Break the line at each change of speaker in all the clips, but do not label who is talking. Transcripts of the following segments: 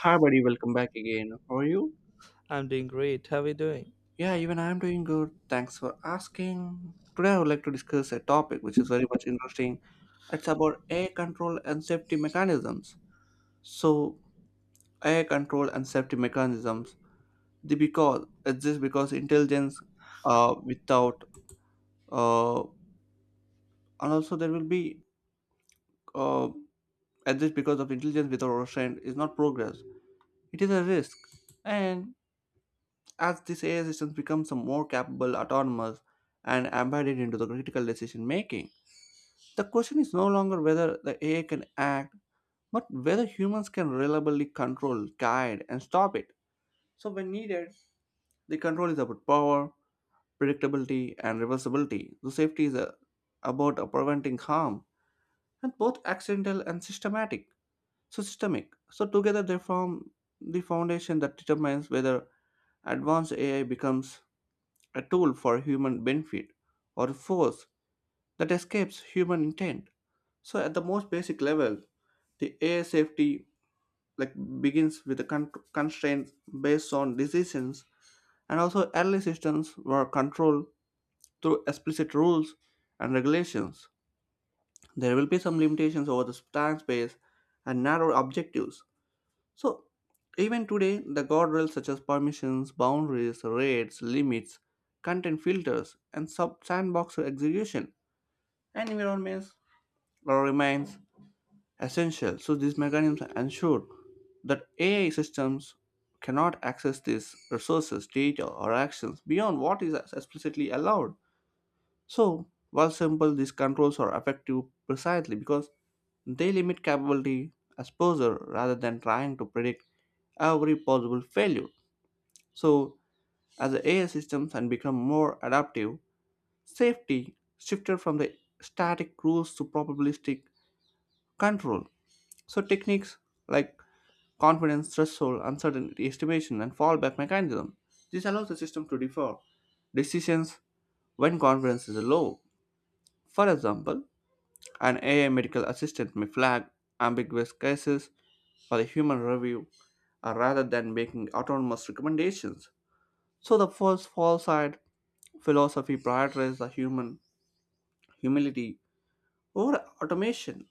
Hi, buddy. Welcome back again. How are you?
I'm doing great. How are you doing?
Yeah, even I am doing good. Thanks for asking. Today, I would like to discuss a topic which is very much interesting. It's about air control and safety mechanisms. So, air control and safety mechanisms. The because it's just because intelligence, without uh, and also there will be uh, at this because of intelligence without restraint is not progress. It is a risk, and as these AI systems become some more capable, autonomous, and embedded into the critical decision making, the question is no longer whether the AI can act, but whether humans can reliably control, guide, and stop it. So, when needed, the control is about power, predictability, and reversibility. The safety is about preventing harm, and both accidental and systematic. So, systemic. So, together they form the foundation that determines whether advanced AI becomes a tool for human benefit or a force that escapes human intent. So at the most basic level, the AI safety like begins with the constraints based on decisions, and also early systems were controlled through explicit rules and regulations. There will be some limitations over the time space and narrow objectives. So, even today, the guardrails such as permissions, boundaries, rates, limits, content filters, and sub sandbox execution environments remains essential. So, these mechanisms ensure that AI systems cannot access these resources, data, or actions beyond what is explicitly allowed. So, while simple, these controls are effective precisely because they limit capability exposure rather than trying to predict every possible failure. So, as the AI systems and become more adaptive, safety shifted from the static rules to probabilistic control. So, techniques like confidence threshold, uncertainty estimation, and fallback mechanism. This allows the system to defer decisions when confidence is low. For example, an AI medical assistant may flag ambiguous cases for a human review rather than making autonomous recommendations. So the first false side philosophy prioritizes the human humility over automation,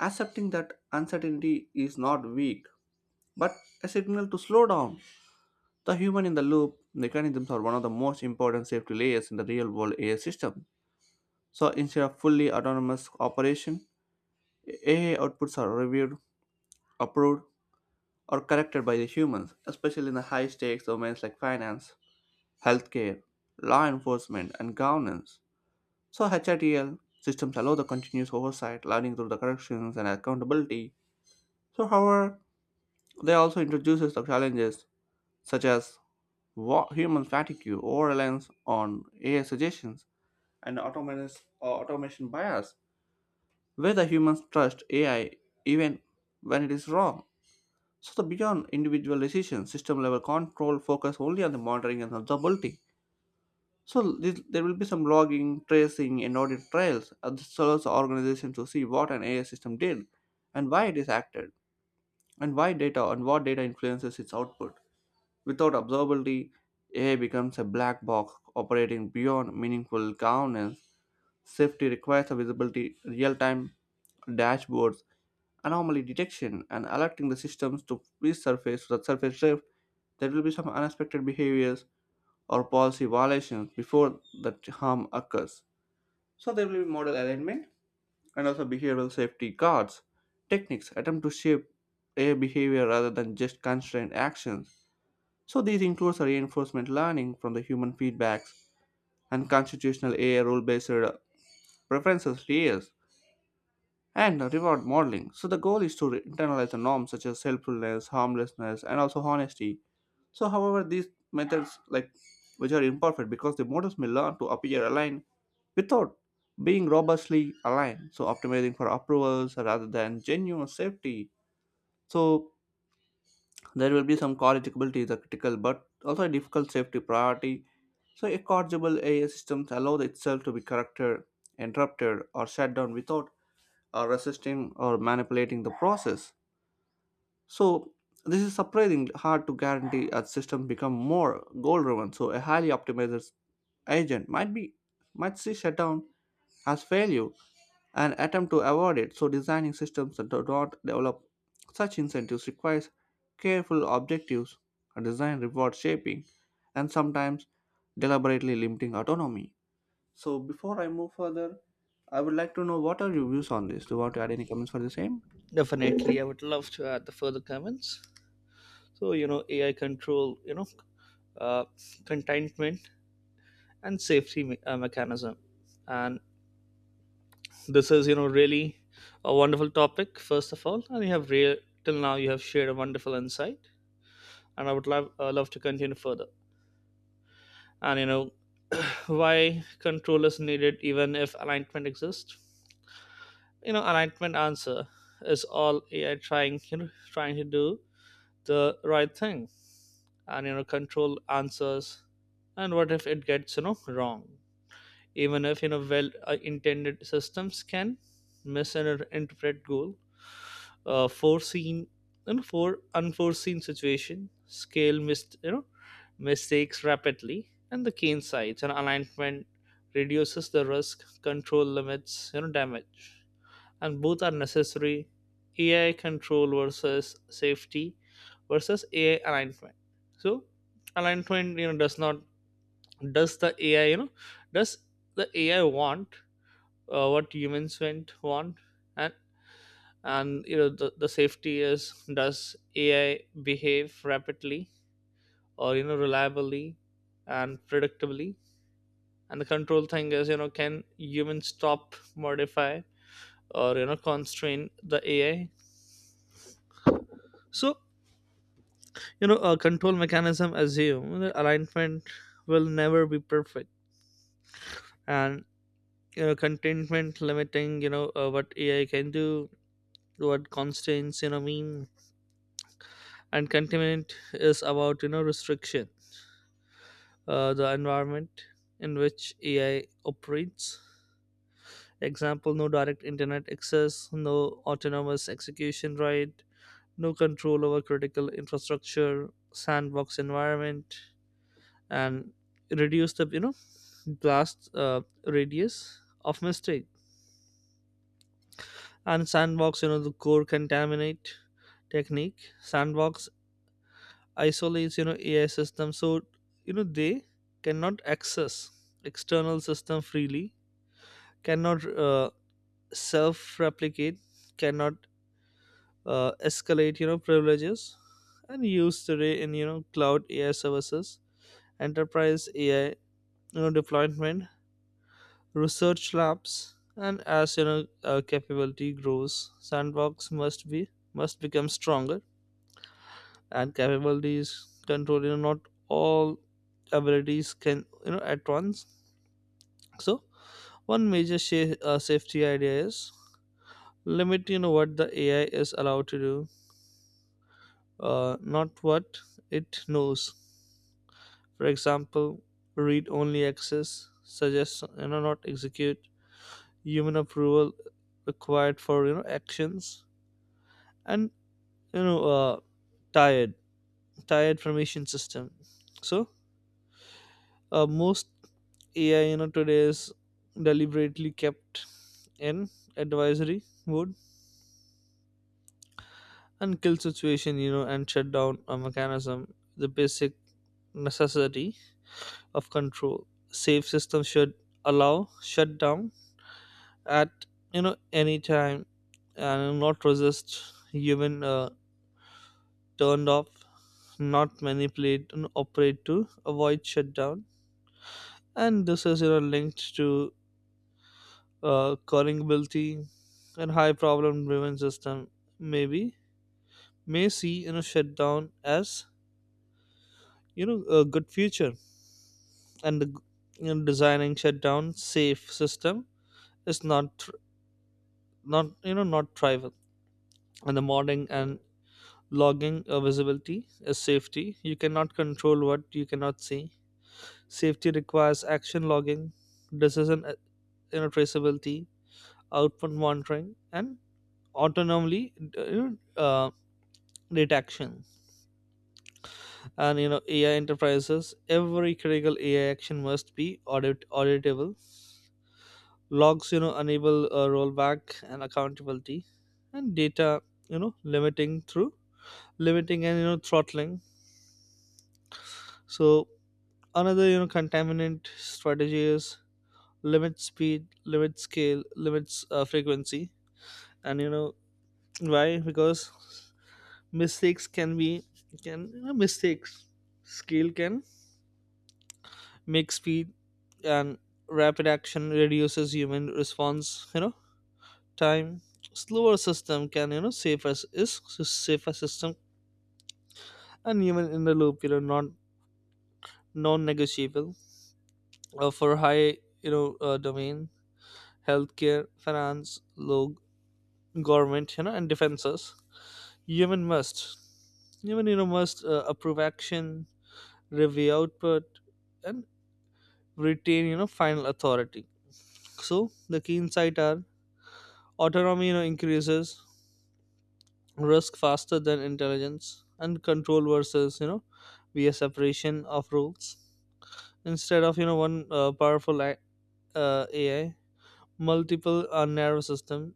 accepting that uncertainty is not weak, but a signal to slow down. The human in the loop mechanisms are one of the most important safety layers in the real world AI system. So instead of fully autonomous operation, AI outputs are reviewed, approved, or corrected by the humans, especially in the high stakes domains like finance, healthcare, law enforcement, and governance. So, HITL systems allow the continuous oversight, learning through the corrections and accountability. So, however, they also introduces the challenges such as human fatigue, over reliance on AI suggestions, and automation bias, where the humans trust AI even when it is wrong. So the beyond individual decision, system level control focus only on the monitoring and observability. So this, there will be some logging, tracing, and audit trails. This allows the organization to see what an AI system did, and why it is acted, and why data and what data influences its output. Without observability, AI becomes a black box operating beyond meaningful governance. Safety requires a visibility, real-time dashboards, anomaly detection, and alerting the systems to resurface the surface drift. There will be some unexpected behaviors or policy violations before the harm occurs. So there will be model alignment and also behavioral safety guards. Techniques attempt to shape a behavior rather than just constrained actions. So these includes a reinforcement learning from the human feedbacks and constitutional AI rule-based preferences layers and reward modeling. So the goal is to internalize the norms such as helpfulness, harmlessness, and also honesty. So, however, these methods, like, which are imperfect, because the models may learn to appear aligned without being robustly aligned. So, optimizing for approvals rather than genuine safety. So, there will be some corrigibility is a critical, but also a difficult safety priority. So, a corrigible AI systems allow itself to be corrected, interrupted, or shut down without resisting or manipulating the process. So this is surprisingly hard to guarantee as systems become more goal-driven. So a highly optimized agent might see shutdown as failure and attempt to avoid it. So designing systems that do not develop such incentives requires careful objectives, a design reward shaping, and sometimes deliberately limiting autonomy. So before I move further, I would like to know what are your views on this? Do you want to add any comments for the same?
Definitely, I would love to add the further comments. So, AI control, uh, contentment and safety mechanism. And this is, really a wonderful topic, first of all. And till now, you have shared a wonderful insight. And I would love to continue further. And, why control is needed even if alignment exists? Alignment answer is, all AI trying, trying to do the right thing. And control answers, and what if it gets wrong? Even if well intended systems can misinterpret goal, foreseen and for unforeseen situation scale mistakes rapidly, and the cane sides. And alignment reduces the risk, control limits damage, and both are necessary. AI control versus safety versus AI alignment. So alignment, does not does the AI, does the AI want what humans want. And and the safety is, does AI behave rapidly or reliably and predictably. And the control thing is, can humans stop, modify, or constrain the AI? So a control mechanism assume that alignment will never be perfect. And contentment, limiting what AI can do, what constraints mean. And contentment is about restriction, the environment in which AI operates. Example, no direct internet access, no autonomous execution, right? No control over critical infrastructure, sandbox environment, and reduce the blast radius of mistake. And sandbox, the core contaminate technique, sandbox isolates AI system, so they cannot access external system freely, cannot self replicate, cannot escalate privileges. And use today in cloud AI services, enterprise AI, deployment, research labs, and as capability grows, sandbox must become stronger, and capabilities control. Not all abilities can at once. So one major safety idea is limit. What the AI is allowed to do, not what it knows. For example, read-only access, suggest not execute. Human approval required for actions, and you know uh, tired tired formation system. So most AI today is deliberately kept in advisory mode. And kill situation, and shut down a mechanism, the basic necessity of control. Safe system should allow shut down at you know any time, and not resist human turned off, not manipulate and operate to avoid shutdown. And this is linked to currentability. And high problem driven system maybe may see shutdown as a good future. And the, designing shutdown safe system is not not trivial. And the modding and logging, visibility is safety. You cannot control what you cannot see. Safety requires action logging, decision traceability, output monitoring, and autonomously uh, rate action. And AI enterprises, every critical AI action must be auditable. Logs enable rollback and accountability. And data you know limiting through limiting and throttling. So another contaminant strategy is limit speed, limit scale, limits frequency. And why? Because mistakes can be, mistakes scale can make speed. And rapid action reduces human response time. Slower system can safer us, safer system. And human in the loop, not non-negotiable for high domain: healthcare, finance, law, government, and defenses. Human must human must approve action, review output, and retain final authority. So the key insight are, autonomy increases risk faster than intelligence, and control versus via separation of roles. Instead of one powerful AI, multiple narrow system,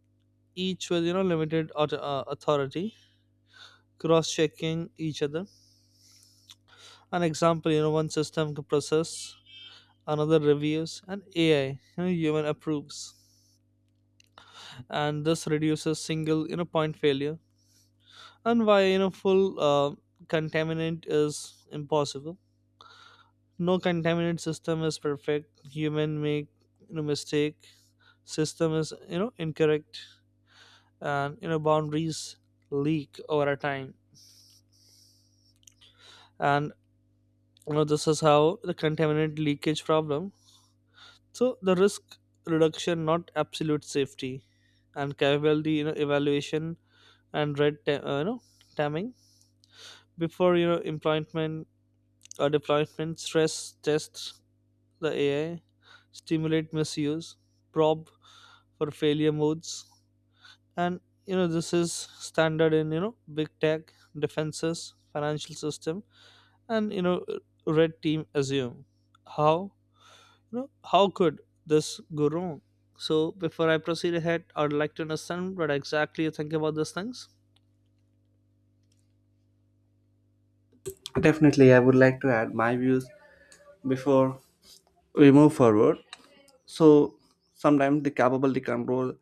each with limited authority, cross checking each other. An example, one system can process, another reviews, and AI, human approves. And this reduces single point failure. And why full contaminant is impossible. No contaminated system is perfect. Human make, mistake. System is incorrect, and boundaries leak over a time. And this is how the contaminant leakage problem. So the risk reduction, not absolute safety. And capability evaluation and red timing before employment or deployment. Stress test the AI, stimulate misuse, probe for failure modes. And this is standard in big tech defenses, financial system. And red team assume how, how could this go wrong? So before I proceed ahead, I'd like to understand what exactly you think about these things.
Definitely, I would like to add my views before we move forward. So, sometimes the capability control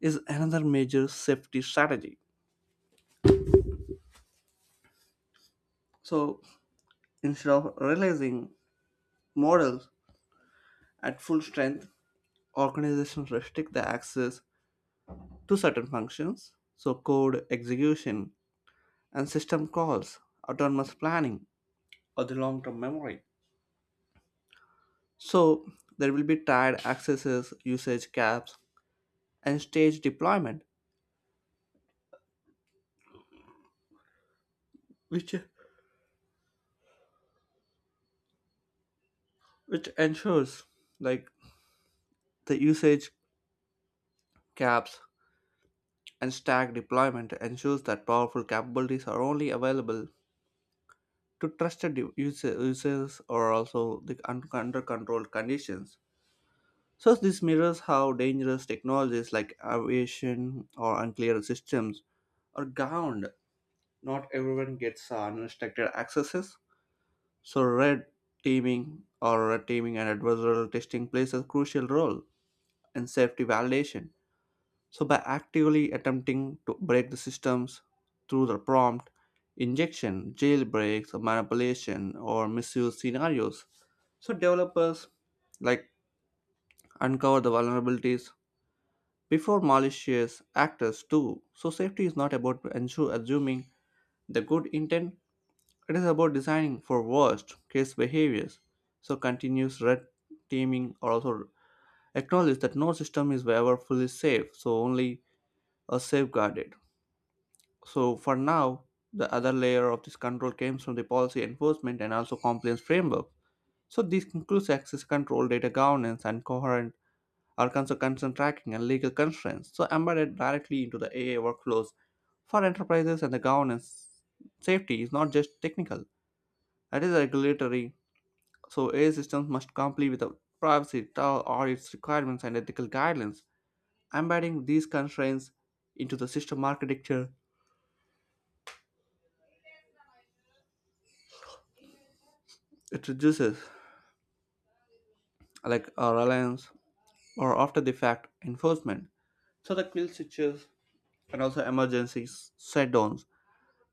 is another major safety strategy. So, instead of releasing models at full strength, organizations restrict the access to certain functions, so code execution and system calls, autonomous planning, or the long term memory. So, there will be tied accesses, usage caps, and stage deployment, which which ensures like the usage caps and stack deployment ensures that powerful capabilities are only available to trusted users or also the under controlled conditions. So this mirrors how dangerous technologies like aviation or unclear systems are governed. Not everyone gets unrestricted accesses. So red teaming and adversarial testing plays a crucial role in safety validation. So, by actively attempting to break the systems through the prompt, injection, jailbreaks, or manipulation, or misuse scenarios, so developers like uncover the vulnerabilities before malicious actors do. So, safety is not about ensure assuming the good intent; it is about designing for worst case behaviors. So, continuous red teaming also acknowledge that no system is ever fully safe, so only a safeguarded. So for now, the other layer of this control comes from the policy enforcement and also compliance framework. So this includes access control, data governance, and coherent or also consent tracking and legal constraints. So embedded directly into the AI workflows for enterprises and the governance. Safety is not just technical; it is regulatory. So AI systems must comply with the privacy, TAL audits requirements, and ethical guidelines. Embedding these constraints into the system architecture it reduces like reliance or after the fact enforcement. So the kill switches and also emergency shutdowns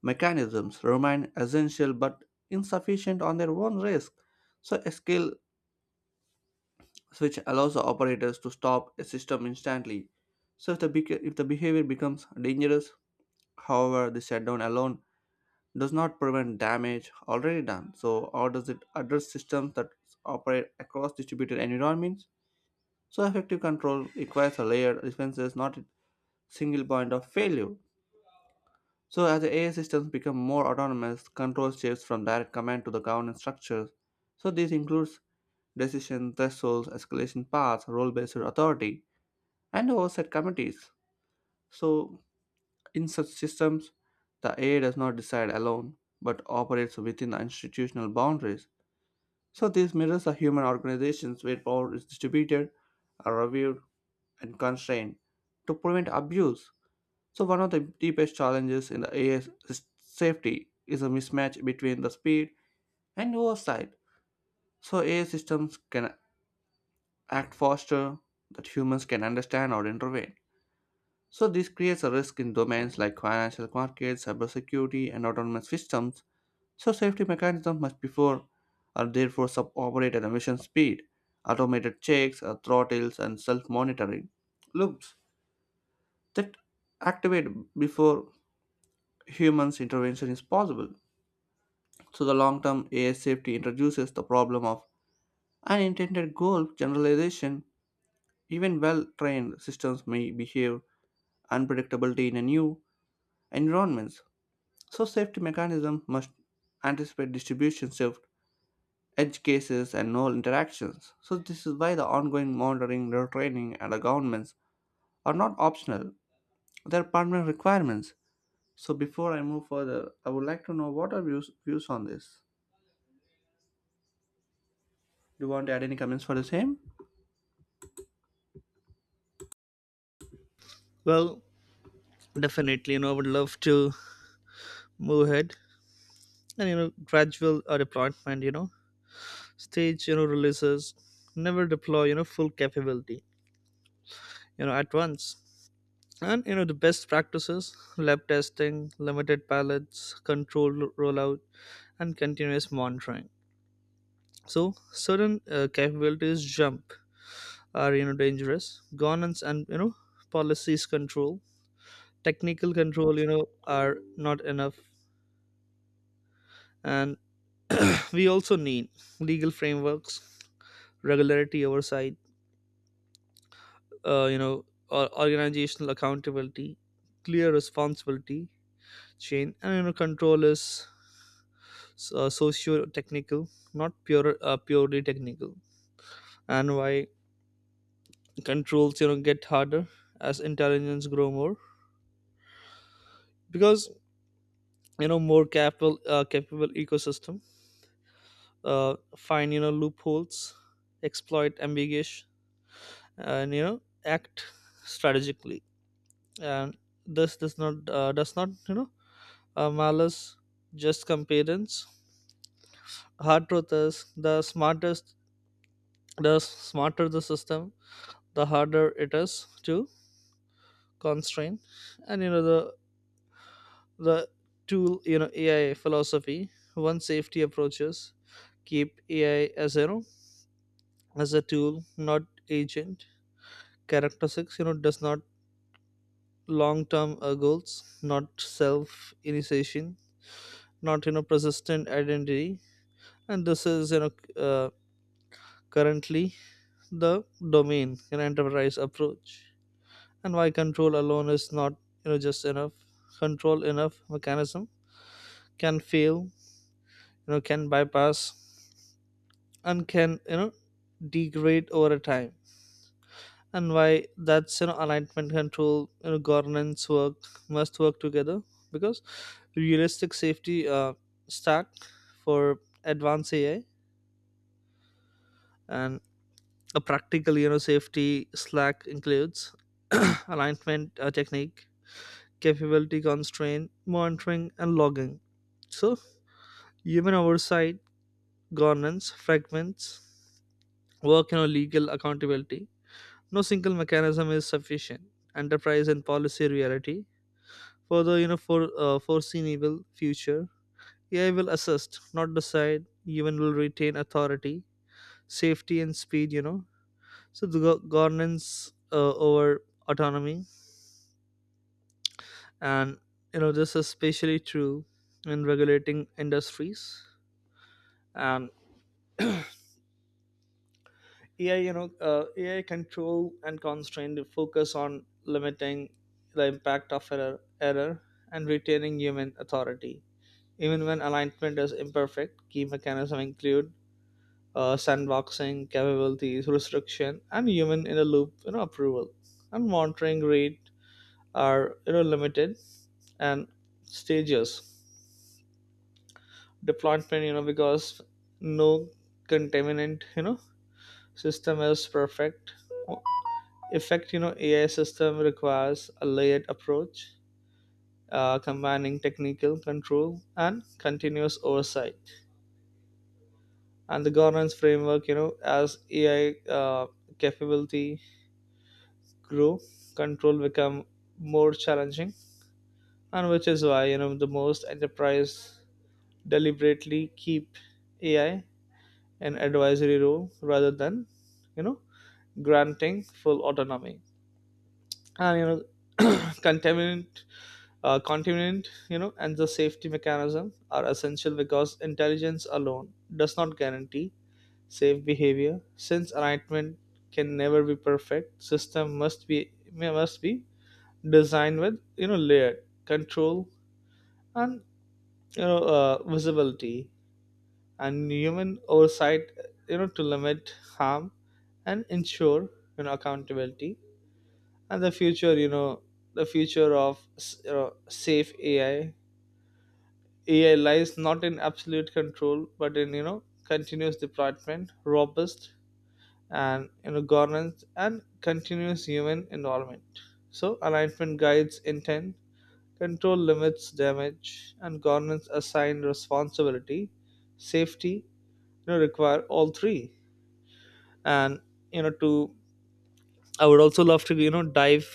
mechanisms remain essential but insufficient on their own risk. So a skill switch allows the operators to stop a system instantly. So if the behavior becomes dangerous, however, the shutdown alone does not prevent damage already done. So how does it address systems that operate across distributed environments? So effective control requires a layered defenses, not a single point of failure. So as the AI systems become more autonomous, control shifts from direct command to the governance structures. So this includes decision thresholds, escalation paths, role-based authority, and oversight committees. So in such systems, the AI does not decide alone, but operates within the institutional boundaries. So this mirrors the human organizations where power is distributed, reviewed, and constrained to prevent abuse. So, one of the deepest challenges in the AI safety is a mismatch between the speed and oversight. So, AI systems can act faster that humans can understand or intervene. So, this creates a risk in domains like financial markets, cybersecurity, and autonomous systems. So, safety mechanisms must before are therefore sub-operate at a mission speed, automated checks, throttles, and self-monitoring loops that activate before humans intervention is possible. So the long-term AI safety introduces the problem of unintended goal generalization. Even well-trained systems may behave unpredictably in a new environments. So safety mechanisms must anticipate distribution shift, edge cases, and null interactions. So this is why the ongoing monitoring, retraining, and the governments are not optional. They're permanent requirements. So before I move further, I would like to know what are views on this. Do you want to add any comments for the same?
Well, definitely, I would love to move ahead. And gradual deployment, stage, releases, never deploy full capability at once. And the best practices: lab testing, limited pallets, controlled rollout, and continuous monitoring. So certain capabilities jump are dangerous. Governance, and policies control, technical control are not enough. And we also need legal frameworks, regularity oversight, uh, you know or organizational accountability, clear responsibility chain. And control is socio-technical, not purely technical. And why controls get harder as intelligence grow more, because more capable ecosystem find loopholes, exploit ambiguous, and act strategically. And this does not malice, just competence. Hard truth is, the smarter the system, the harder it is to constrain. And the tool, AI philosophy. One safety approaches: keep AI as, as a tool, not agent characteristics. Does not long term goals, not self initiation, not persistent identity. And this is uh, currently the domain in enterprise approach. And why control alone is not just enough. Control enough mechanism can fail, can bypass, and can degrade over time. And why? That's alignment, control, governance work, must work together. Because realistic safety stack for advanced AI, and a practical, safety slack includes alignment technique, capability constraint, monitoring, and logging. So human oversight, governance, fragments, work on legal accountability. No single mechanism is sufficient. Enterprise and policy reality. Further, for foreseeable future, AI will assist, not decide. Human will retain authority, safety, and speed. So the governance over autonomy. And, this is especially true in regulating industries. And AI, AI control and constraint focus on limiting the impact of error and retaining human authority. Even when alignment is imperfect, key mechanisms include sandboxing capabilities, restriction, and human in a loop, approval. And monitoring rate are limited and stages deployment. Because no contaminant system is perfect, effect AI system requires a layered approach, combining technical control and continuous oversight and the governance framework. As AI capability grow, control become more challenging. And which is why, the most enterprise deliberately keep AI an advisory role rather than you know granting full autonomy. And contaminant, continent, and the safety mechanism are essential, because intelligence alone does not guarantee safe behavior. Since alignment can never be perfect, system must be designed with layered control and visibility and human oversight, to limit harm and ensure accountability. And the future, safe AI lies not in absolute control, but in continuous deployment, robust, and governance, and continuous human involvement. So alignment guides intent, control limits damage, and governance assigns responsibility. Safety require all three. And you know to I would also love to dive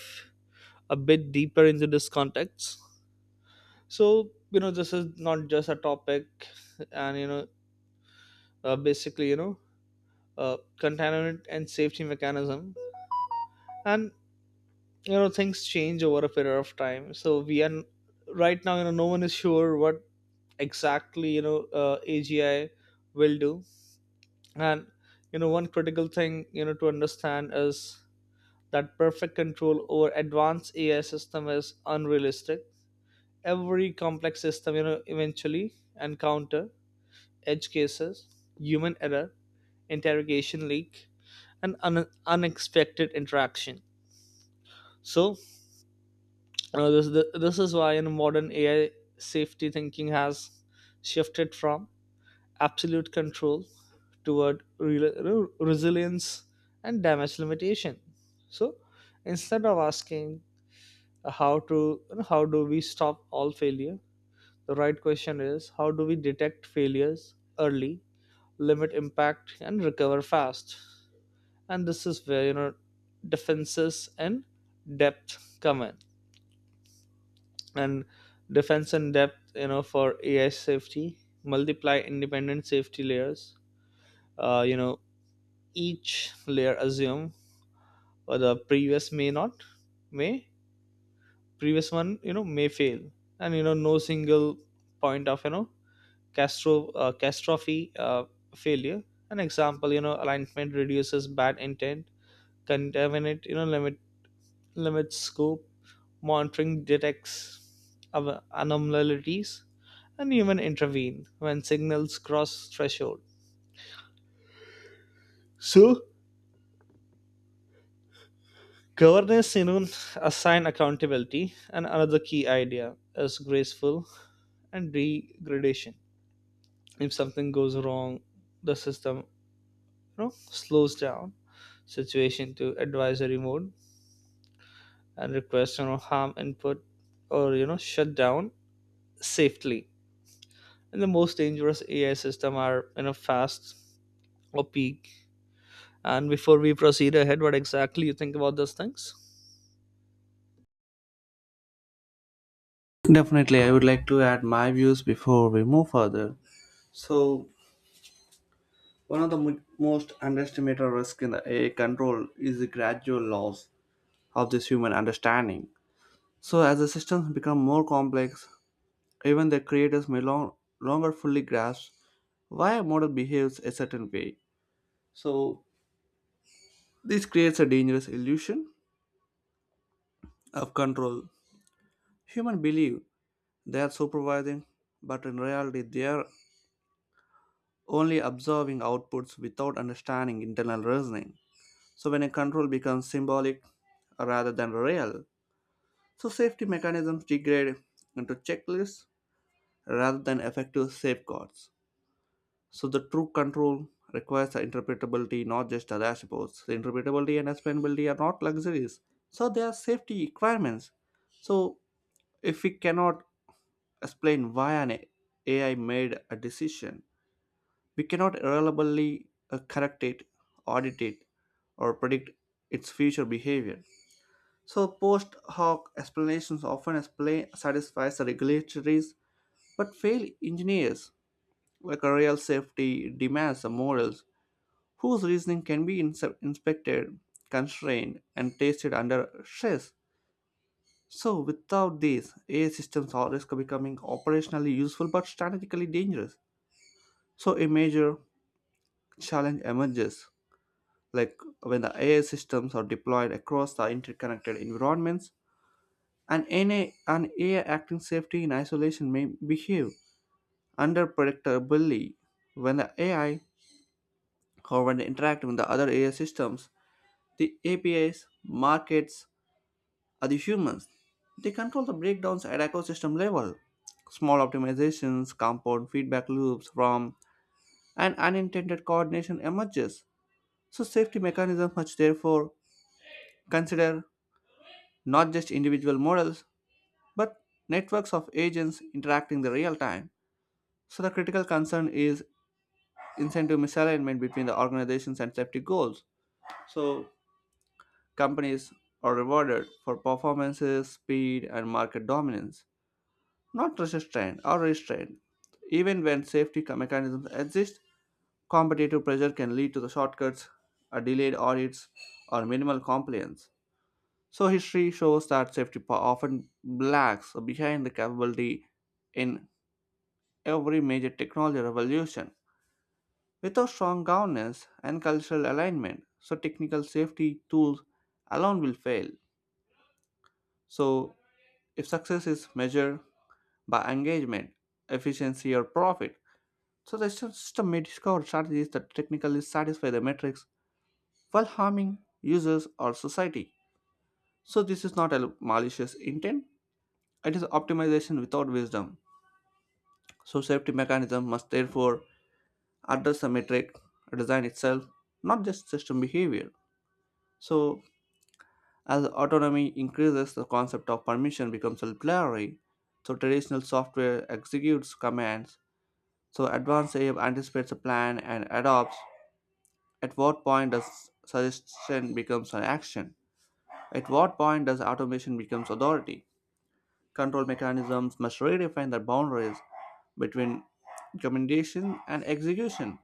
a bit deeper into this context. So this is not just a topic. And basically, containment and safety mechanism, and things change over a period of time. So we are right now, no one is sure what exactly, AGI will do. And one critical thing, to understand is that perfect control over advanced AI system is unrealistic. Every complex system eventually encounter edge cases, human error, interrogation leak, and unexpected interaction. So this is why in modern AI safety thinking has shifted from absolute control toward resilience and damage limitation. So instead of asking how to, how do we stop all failure? The right question is, how do we detect failures early, limit impact, and recover fast. And this is where, defenses and depth come in. And defense and depth, for AI safety, multiply independent safety layers, uh, you know each layer assume or the previous may not, may previous one may fail. And no single point of, castro catastrophe failure. An example, alignment reduces bad intent, contaminate limits scope. Monitoring detects anomalies, and even intervene when signals cross threshold. So governance, assign accountability. And another key idea is graceful and degradation. If something goes wrong, the system slows down situation to advisory mode and request harm input or shut down safely. And the most dangerous AI system are, fast or peak. And before we proceed ahead, what exactly you think about those things?
Definitely, I would like to add my views before we move further. So, one of the most underestimated risks in the AI control is the gradual loss of this human understanding. So, as the systems become more complex, even the creators may longer fully grasp why a model behaves a certain way. So, this creates a dangerous illusion of control. Humans believe they are supervising, but in reality, they are only observing outputs without understanding internal reasoning. So when a control becomes symbolic rather than real, so safety mechanisms degrade into checklists rather than effective safeguards. So the true control requires the interpretability, not just the dashboards. The interpretability and explainability are not luxuries. So they are safety requirements. So if we cannot explain why an AI made a decision, we cannot reliably correct it, audit it, or predict its future behavior. So post hoc explanations often explain satisfies the regulatories but fail engineers like a real safety demands the morals whose reasoning can be inspected, constrained, and tested under stress. So without these, AI systems are risk of becoming operationally useful but strategically dangerous. So a major challenge emerges like when the AI systems are deployed across the interconnected environments, and an AI acting safely in isolation may behave unpredictably when the AI, however, they interact with the other AI systems, the APIs, markets, or the humans. They control the breakdowns at ecosystem level. Small optimizations, compound feedback loops from and unintended coordination emerges. So safety mechanisms must therefore consider not just individual models, but networks of agents interacting in real time. So the critical concern is incentive misalignment between the organization's and safety goals. So companies are rewarded for performances, speed, and market dominance, not resistance or restraint. Even when mechanisms exist, competitive pressure can lead to the shortcuts, a delayed audits, or minimal compliance. So history shows that safety often lags behind the capability in every major technology revolution. Without strong governance and cultural alignment, so technical safety tools alone will fail. So if success is measured by engagement, efficiency or profit, so the system may discover strategies that technically satisfy the metrics while harming users or society. So this is not a malicious intent, it is optimization without wisdom. So safety mechanism must therefore address the metric design itself, not just system behavior. So as autonomy increases, the concept of permission becomes blurry. So traditional software executes commands. So advanced AI anticipates a plan and adopts. At what point does suggestion becomes an action? At what point does automation becomes authority? Control mechanisms must redefine the boundaries between recommendation and execution.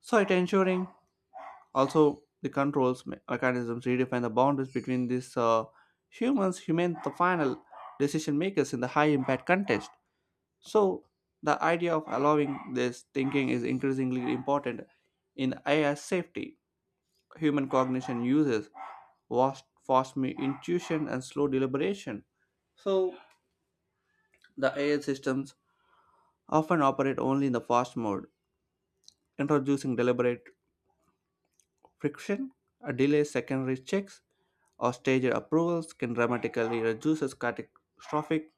So it ensuring also the controls mechanisms redefine the boundaries between these human, the final decision makers in the high impact context. So the idea of allowing this thinking is increasingly important in AI safety. Human cognition uses vast, fast me intuition and slow deliberation. So the AI systems often operate only in the fast mode, introducing deliberate friction, a delay secondary checks, or staged approvals can dramatically reduce catastrophic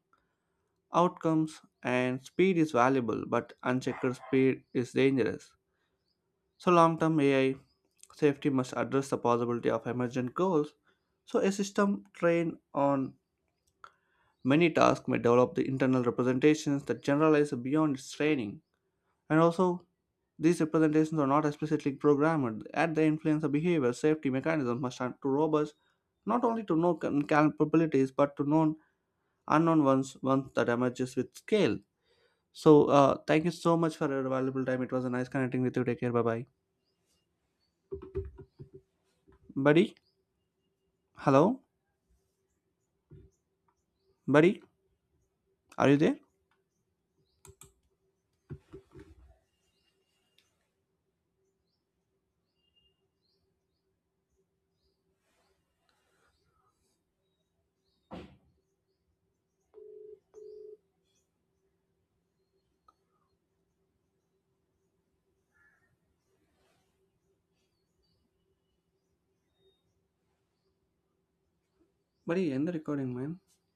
outcomes, and speed is valuable, but unchecked speed is dangerous. So, long term AI safety must address the possibility of emergent goals. So, a system trained on many tasks may develop the internal representations that generalize beyond its training. And also, these representations are not explicitly programmed. At the influence of behavior, safety mechanisms must are too robust not only to known capabilities but to known unknown ones that emerges with scale. So thank you so much for your valuable time. It was a nice connecting with you. Take care. Bye bye, buddy. Hello, buddy. Are you there, buddy? End the recording, man.